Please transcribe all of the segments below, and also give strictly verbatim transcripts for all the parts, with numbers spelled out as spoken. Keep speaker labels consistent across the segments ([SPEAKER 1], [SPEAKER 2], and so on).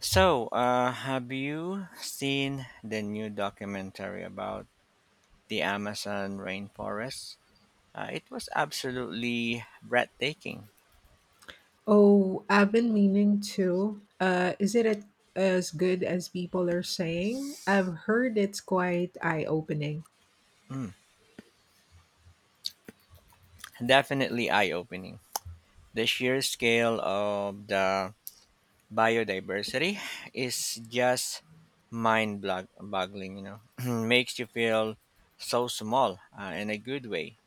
[SPEAKER 1] So, uh, have you seen the new documentary about the Amazon rainforest? Uh, it was absolutely breathtaking.
[SPEAKER 2] Oh, I've been meaning to. Uh, is it at- as good as people are saying? I've heard it's quite eye-opening.
[SPEAKER 1] Mm, definitely eye opening. The sheer scale of the biodiversity is just mind boggling, you know. Makes you feel so small uh, in a good way.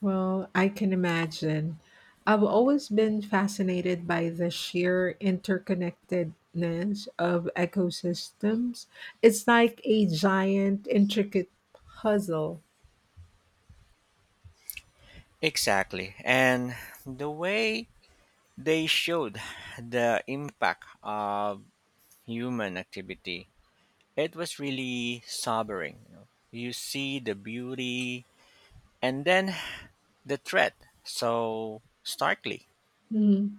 [SPEAKER 2] Well, I can imagine. I've always been fascinated by the sheer interconnectedness of ecosystems. It's like a giant, intricate puzzle.
[SPEAKER 1] Exactly. And the way they showed the impact of human activity, it was really sobering. You, know. You see the beauty and then the threat so starkly.
[SPEAKER 2] Mhm.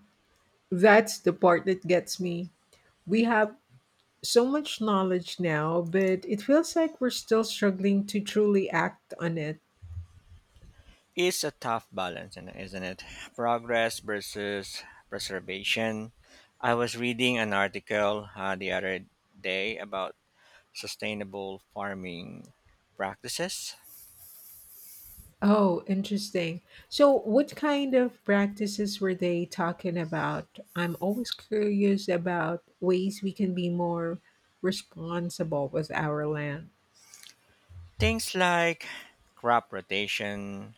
[SPEAKER 2] That's the part that gets me. We have so much knowledge now, but it feels like we're still struggling to truly act on it.
[SPEAKER 1] It's a tough balance, and isn't it? Progress versus preservation. I was reading an article uh, the other day about sustainable farming practices.
[SPEAKER 2] Oh, interesting. So, what kind of practices were they talking about? I'm always curious about ways we can be more responsible with our land.
[SPEAKER 1] Things like crop rotation,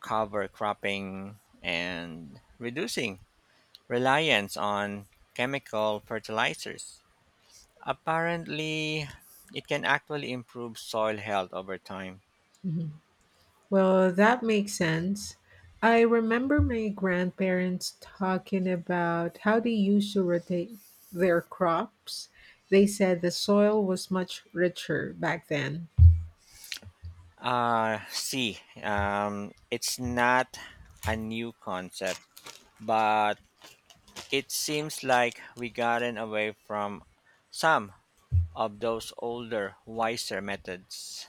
[SPEAKER 1] cover cropping, and reducing reliance on chemical fertilizers. Apparently, it can actually improve soil health over time.
[SPEAKER 2] Mhm. Well, that makes sense. I remember my grandparents talking about how they used to rotate their crops. They said the soil was much richer back then.
[SPEAKER 1] Uh, see, um, it's not a new concept, but it seems like we gotten away from some of those older, wiser methods.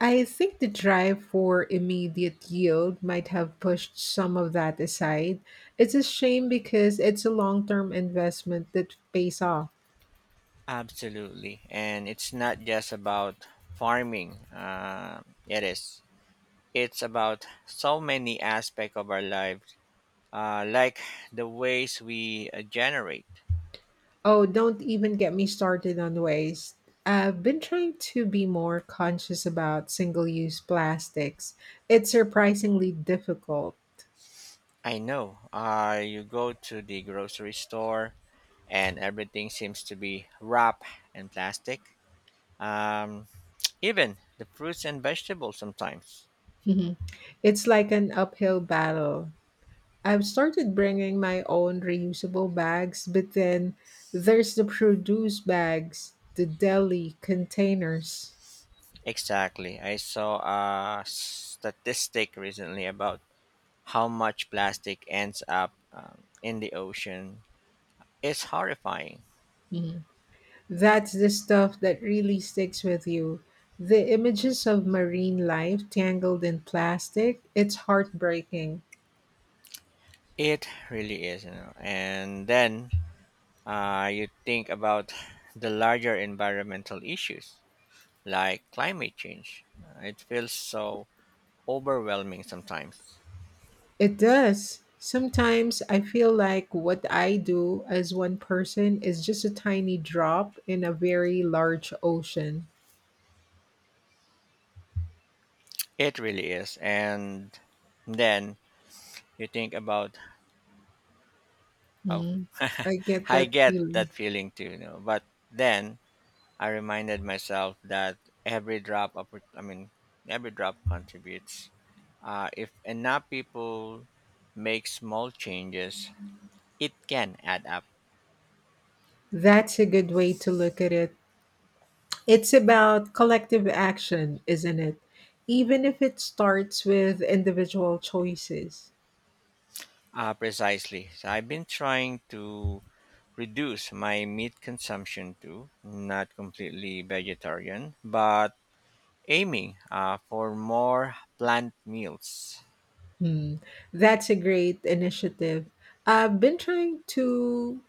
[SPEAKER 2] I think the drive for immediate yield might have pushed some of that aside. It's a shame because it's a long term investment that pays off.
[SPEAKER 1] Absolutely. And it's not just about farming. Uh, it is. It's about so many aspects of our life uh, like the waste we uh, generate.
[SPEAKER 2] Oh, don't even get me started on waste. I've been trying to be more conscious about single use plastics. It's surprisingly difficult.
[SPEAKER 1] I know, uh, you go to the grocery store and everything seems to be wrap and plastic. Um, Even the fruits and vegetables sometimes.
[SPEAKER 2] Mhm. It's like an uphill battle. I've started bringing my own reusable bags, but then there's the produce bags, the deli containers.
[SPEAKER 1] Exactly. I saw a statistic recently about how much plastic ends up um, in the ocean. It's horrifying.
[SPEAKER 2] That's the stuff that really sticks with you. The images of marine life tangled in plastic, it's heartbreaking.
[SPEAKER 1] It really is, you know. And then Uh, you think about the larger environmental issues like climate change. Uh, It feels so overwhelming sometimes.
[SPEAKER 2] It does. Sometimes I feel like what I do as one person is just a tiny drop in a very large ocean.
[SPEAKER 1] It really is. And then you think about, oh,
[SPEAKER 2] Mm, I get
[SPEAKER 1] I
[SPEAKER 2] that
[SPEAKER 1] get
[SPEAKER 2] feeling.
[SPEAKER 1] that feeling too, you know. But then I reminded myself that every drop, of, I mean, every drop contributes. Uh, if enough people make small changes, it can add up.
[SPEAKER 2] That's a good way to look at it. It's about collective action, isn't it? Even if it starts with individual choices.
[SPEAKER 1] Uh, precisely. So I've been trying to reduce my meat consumption too, not completely vegetarian, but aiming uh, for more plant meals.
[SPEAKER 2] Hmm, that's a great initiative. I've been trying to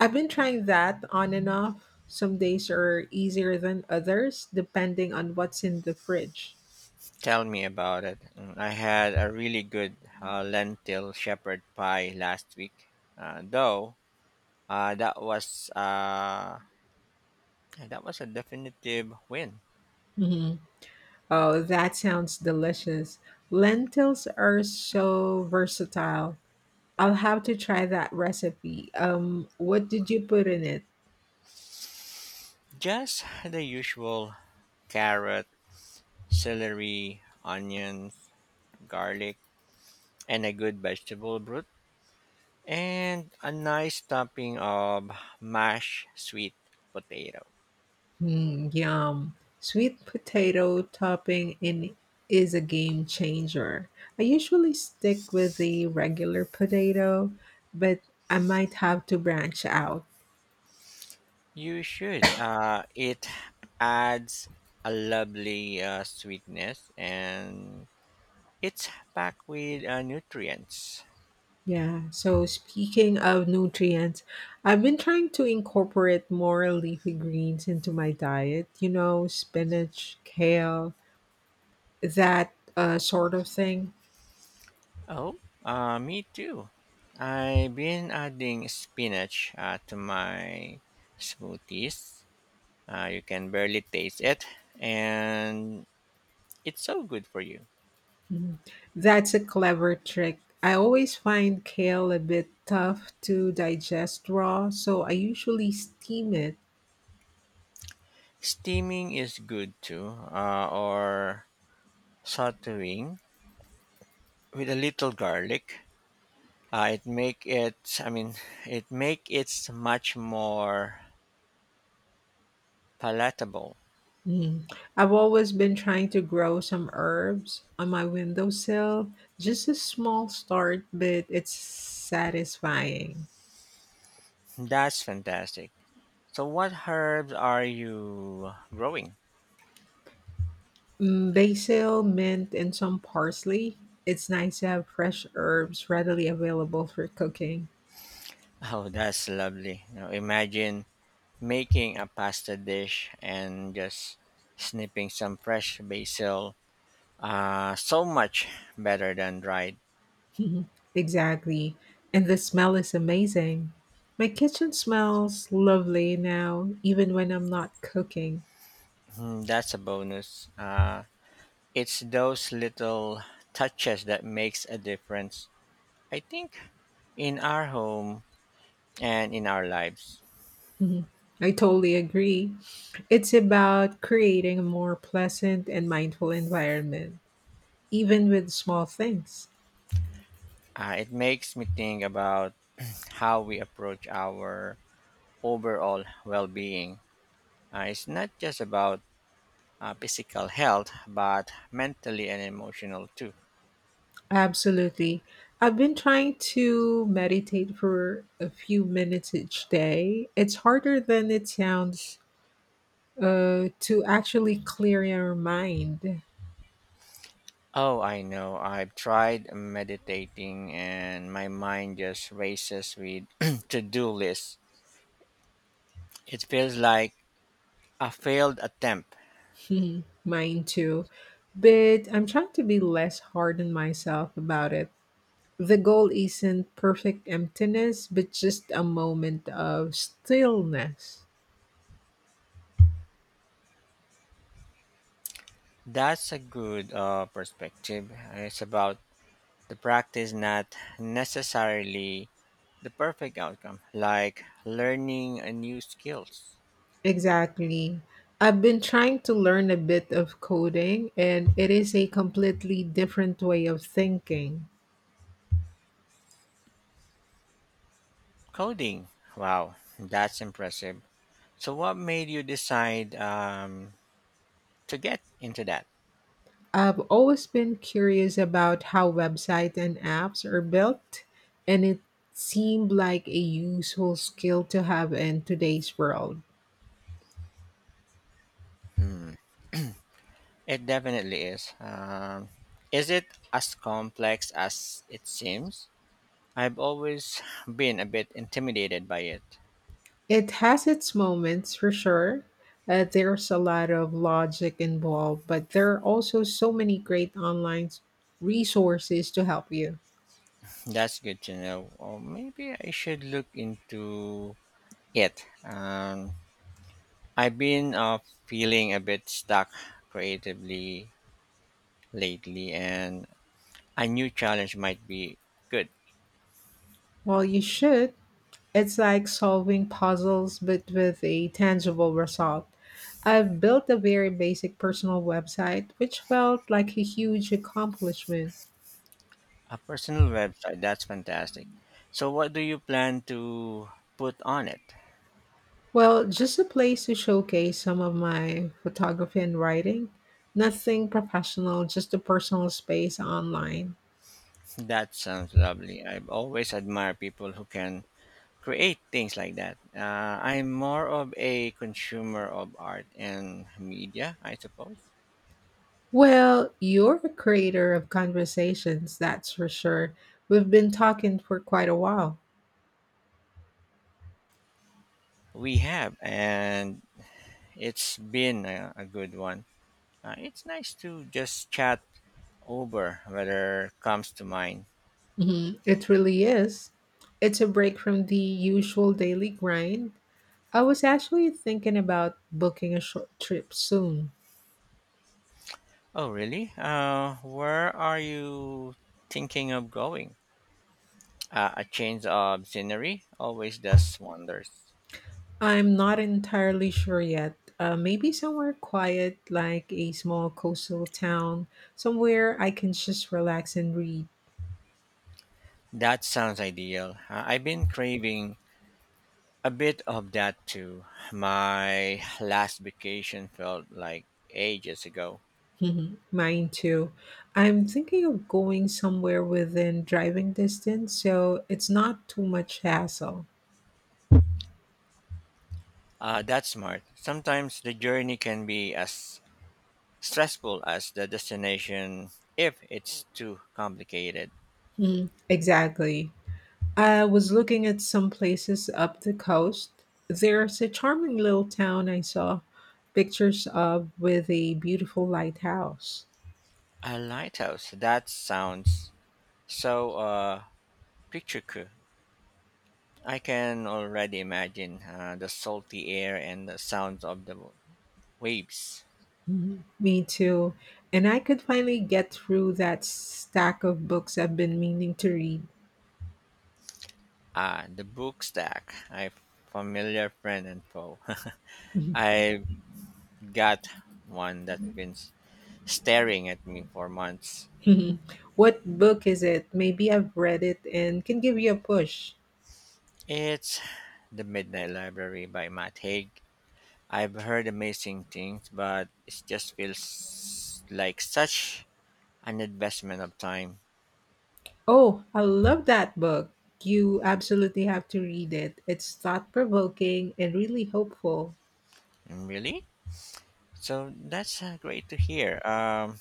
[SPEAKER 2] I've been trying that on and off. Some days are easier than others depending on what's in the fridge.
[SPEAKER 1] Tell me about it. Mm, I had a really good uh, lentil shepherd pie last week, uh, though uh, that was uh, yeah, that was a definitive win.
[SPEAKER 2] Mhm. Oh, that sounds delicious. Lentils are so versatile. I'll have to try that recipe. Um, what did you put in it?
[SPEAKER 1] Just the usual carrot, celery, onions, garlic and a good vegetable broth, and a nice topping of mashed sweet potato.
[SPEAKER 2] Mm, yum. Sweet potato topping in is a game changer. I usually stick with the regular potato, but I might have to branch out.
[SPEAKER 1] You should. Uh, it adds a lovely uh, sweetness and it's packed with uh, nutrients.
[SPEAKER 2] Yeah. So speaking of nutrients, I've been trying to incorporate more leafy greens into my diet, you know, spinach, kale, that uh, sort of thing.
[SPEAKER 1] Oh, uh, me too. I've been adding spinach uh, to my smoothies. Uh, you can barely taste it, and it's so good for you.
[SPEAKER 2] Mm, that's a clever trick. I always find kale a bit tough to digest raw, so I usually steam it.
[SPEAKER 1] Steaming is good too, uh, or sautéing with a little garlic. Uh, it make it, I mean, it make it much more palatable.
[SPEAKER 2] Mm. I've always been trying to grow some herbs on my windowsill. Just a small start, but it's satisfying.
[SPEAKER 1] That's fantastic. So, what herbs are you growing?
[SPEAKER 2] Mm, basil, mint, and some parsley. It's nice to have fresh herbs readily available for cooking.
[SPEAKER 1] Oh, that's lovely. Now, imagine making a pasta dish and just snipping some fresh basil. Uh, so much better than dried.
[SPEAKER 2] Mhm. Exactly. And the smell is amazing. My kitchen smells lovely now, even when I'm not cooking.
[SPEAKER 1] Hmm, that's a bonus. Uh, It's those little touches that makes a difference. I think in our home and in our lives,
[SPEAKER 2] Mhm. I totally agree. It's about creating a more pleasant and mindful environment, even with small things.
[SPEAKER 1] uh, it makes me think about how we approach our overall well-being. Uh, it's not just about uh, physical health, but mentally and emotional too.
[SPEAKER 2] Absolutely. I've been trying to meditate for a few minutes each day. It's harder than it sounds uh, to actually clear your mind.
[SPEAKER 1] Oh, I know. I've tried meditating and my mind just races with to-do lists. It feels like a failed attempt.
[SPEAKER 2] Mhm. Mine too. But I'm trying to be less hard on myself about it. The goal isn't perfect emptiness, but just a moment of stillness.
[SPEAKER 1] That's a good uh, perspective. It's about the practice, not necessarily the perfect outcome, like learning a new skills.
[SPEAKER 2] Exactly. I've been trying to learn a bit of coding, and it is a completely different way of thinking.
[SPEAKER 1] Coding. Wow, that's impressive. So, what made you decide um, to get into that?
[SPEAKER 2] I've always been curious about how websites and apps are built, and it seemed like a useful skill to have in today's world.
[SPEAKER 1] It definitely is. Um, is it as complex as it seems? I've always been a bit intimidated by it.
[SPEAKER 2] It has its moments for sure. Uh, there's a lot of logic involved, but there are also so many great online resources to help you.
[SPEAKER 1] That's good to know. Or maybe I should look into it. Um, I've been uh, feeling a bit stuck creatively lately, and a new challenge might be good.
[SPEAKER 2] Well, you should. It's like solving puzzles, but with a tangible result. I've built a very basic personal website, which felt like a huge accomplishment.
[SPEAKER 1] A personal website, that's fantastic. So, what do you plan to put on it?
[SPEAKER 2] Well, just a place to showcase some of my photography and writing. Nothing professional, just a personal space online.
[SPEAKER 1] That sounds lovely. I've always admired people who can create things like that. Uh, I'm more of a consumer of art and media, I suppose.
[SPEAKER 2] Well, you're a creator of conversations, that's for sure. We've been talking for quite a while.
[SPEAKER 1] We have, and it's been a, a good one. Uh, it's nice to just chat over whether comes to mind.
[SPEAKER 2] Hmm, it really is. It's a break from the usual daily grind. I was actually thinking about booking a short trip soon.
[SPEAKER 1] Oh, really? Uh, where are you thinking of going? Uh, a change of scenery always does wonders.
[SPEAKER 2] I'm not entirely sure yet. Uh, maybe somewhere quiet, like a small coastal town, somewhere I can just relax and read.
[SPEAKER 1] That sounds ideal. Uh, I've been craving a bit of that too. My last vacation felt like ages ago.
[SPEAKER 2] Mhm. Mine too. I'm thinking of going somewhere within driving distance, so it's not too much hassle.
[SPEAKER 1] Uh, that's smart. Sometimes the journey can be as stressful as the destination if it's too complicated.
[SPEAKER 2] Mhm. Exactly. I was looking at some places up the coast. There's a charming little town I saw pictures of with a beautiful lighthouse.
[SPEAKER 1] A lighthouse, that sounds so uh, picturesque. I can already imagine uh, the salty air and the sounds of the waves.
[SPEAKER 2] Mhm. Me too. And I could finally get through that stack of books I've been meaning to read.
[SPEAKER 1] Ah, the book stack, a familiar friend and foe. I've got one that's been s- staring at me for months.
[SPEAKER 2] Mhm. What book is it? Maybe I've read it and can give you a push.
[SPEAKER 1] It's The Midnight Library by Matt Haig. I've heard amazing things, but it just feels like such an investment of time.
[SPEAKER 2] Oh, I love that book. You absolutely have to read it. It's thought provoking and really hopeful.
[SPEAKER 1] Mm, really? So that's uh, great to hear. Um,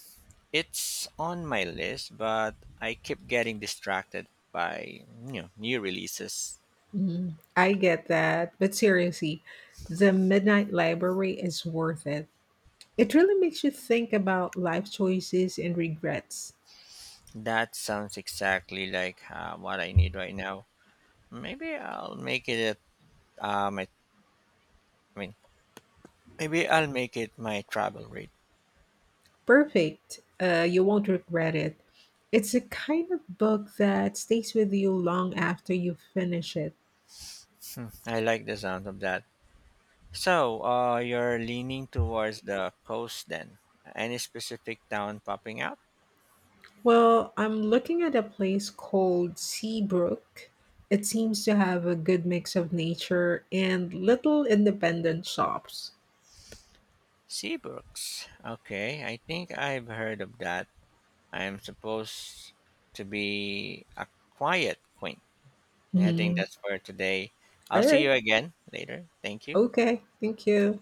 [SPEAKER 1] It's on my list, but I keep getting distracted by you know new releases.
[SPEAKER 2] Mhm. I get that. But seriously, The Midnight Library is worth it. It really makes you think about life choices and regrets.
[SPEAKER 1] That sounds exactly like uh, what I need right now. Maybe I'll make it. uh, My I mean, maybe I'll make it my travel rate.
[SPEAKER 2] Perfect. Uh, you won't regret it. It's a kind of book that stays with you long after you finish it.
[SPEAKER 1] Hmm, I like the sound of that. So, uh, you're leaning towards the coast then. Any specific town popping out?
[SPEAKER 2] Well, I'm looking at a place called Seabrook. It seems to have a good mix of nature and little independent shops.
[SPEAKER 1] Seabrooks. Okay, I think I've heard of that. I'm supposed to be a quiet queen. And I think
[SPEAKER 2] Mhm.
[SPEAKER 1] that's for today. I'll
[SPEAKER 2] All
[SPEAKER 1] see
[SPEAKER 2] right.
[SPEAKER 1] you again later. Thank you.
[SPEAKER 2] Okay. Thank you.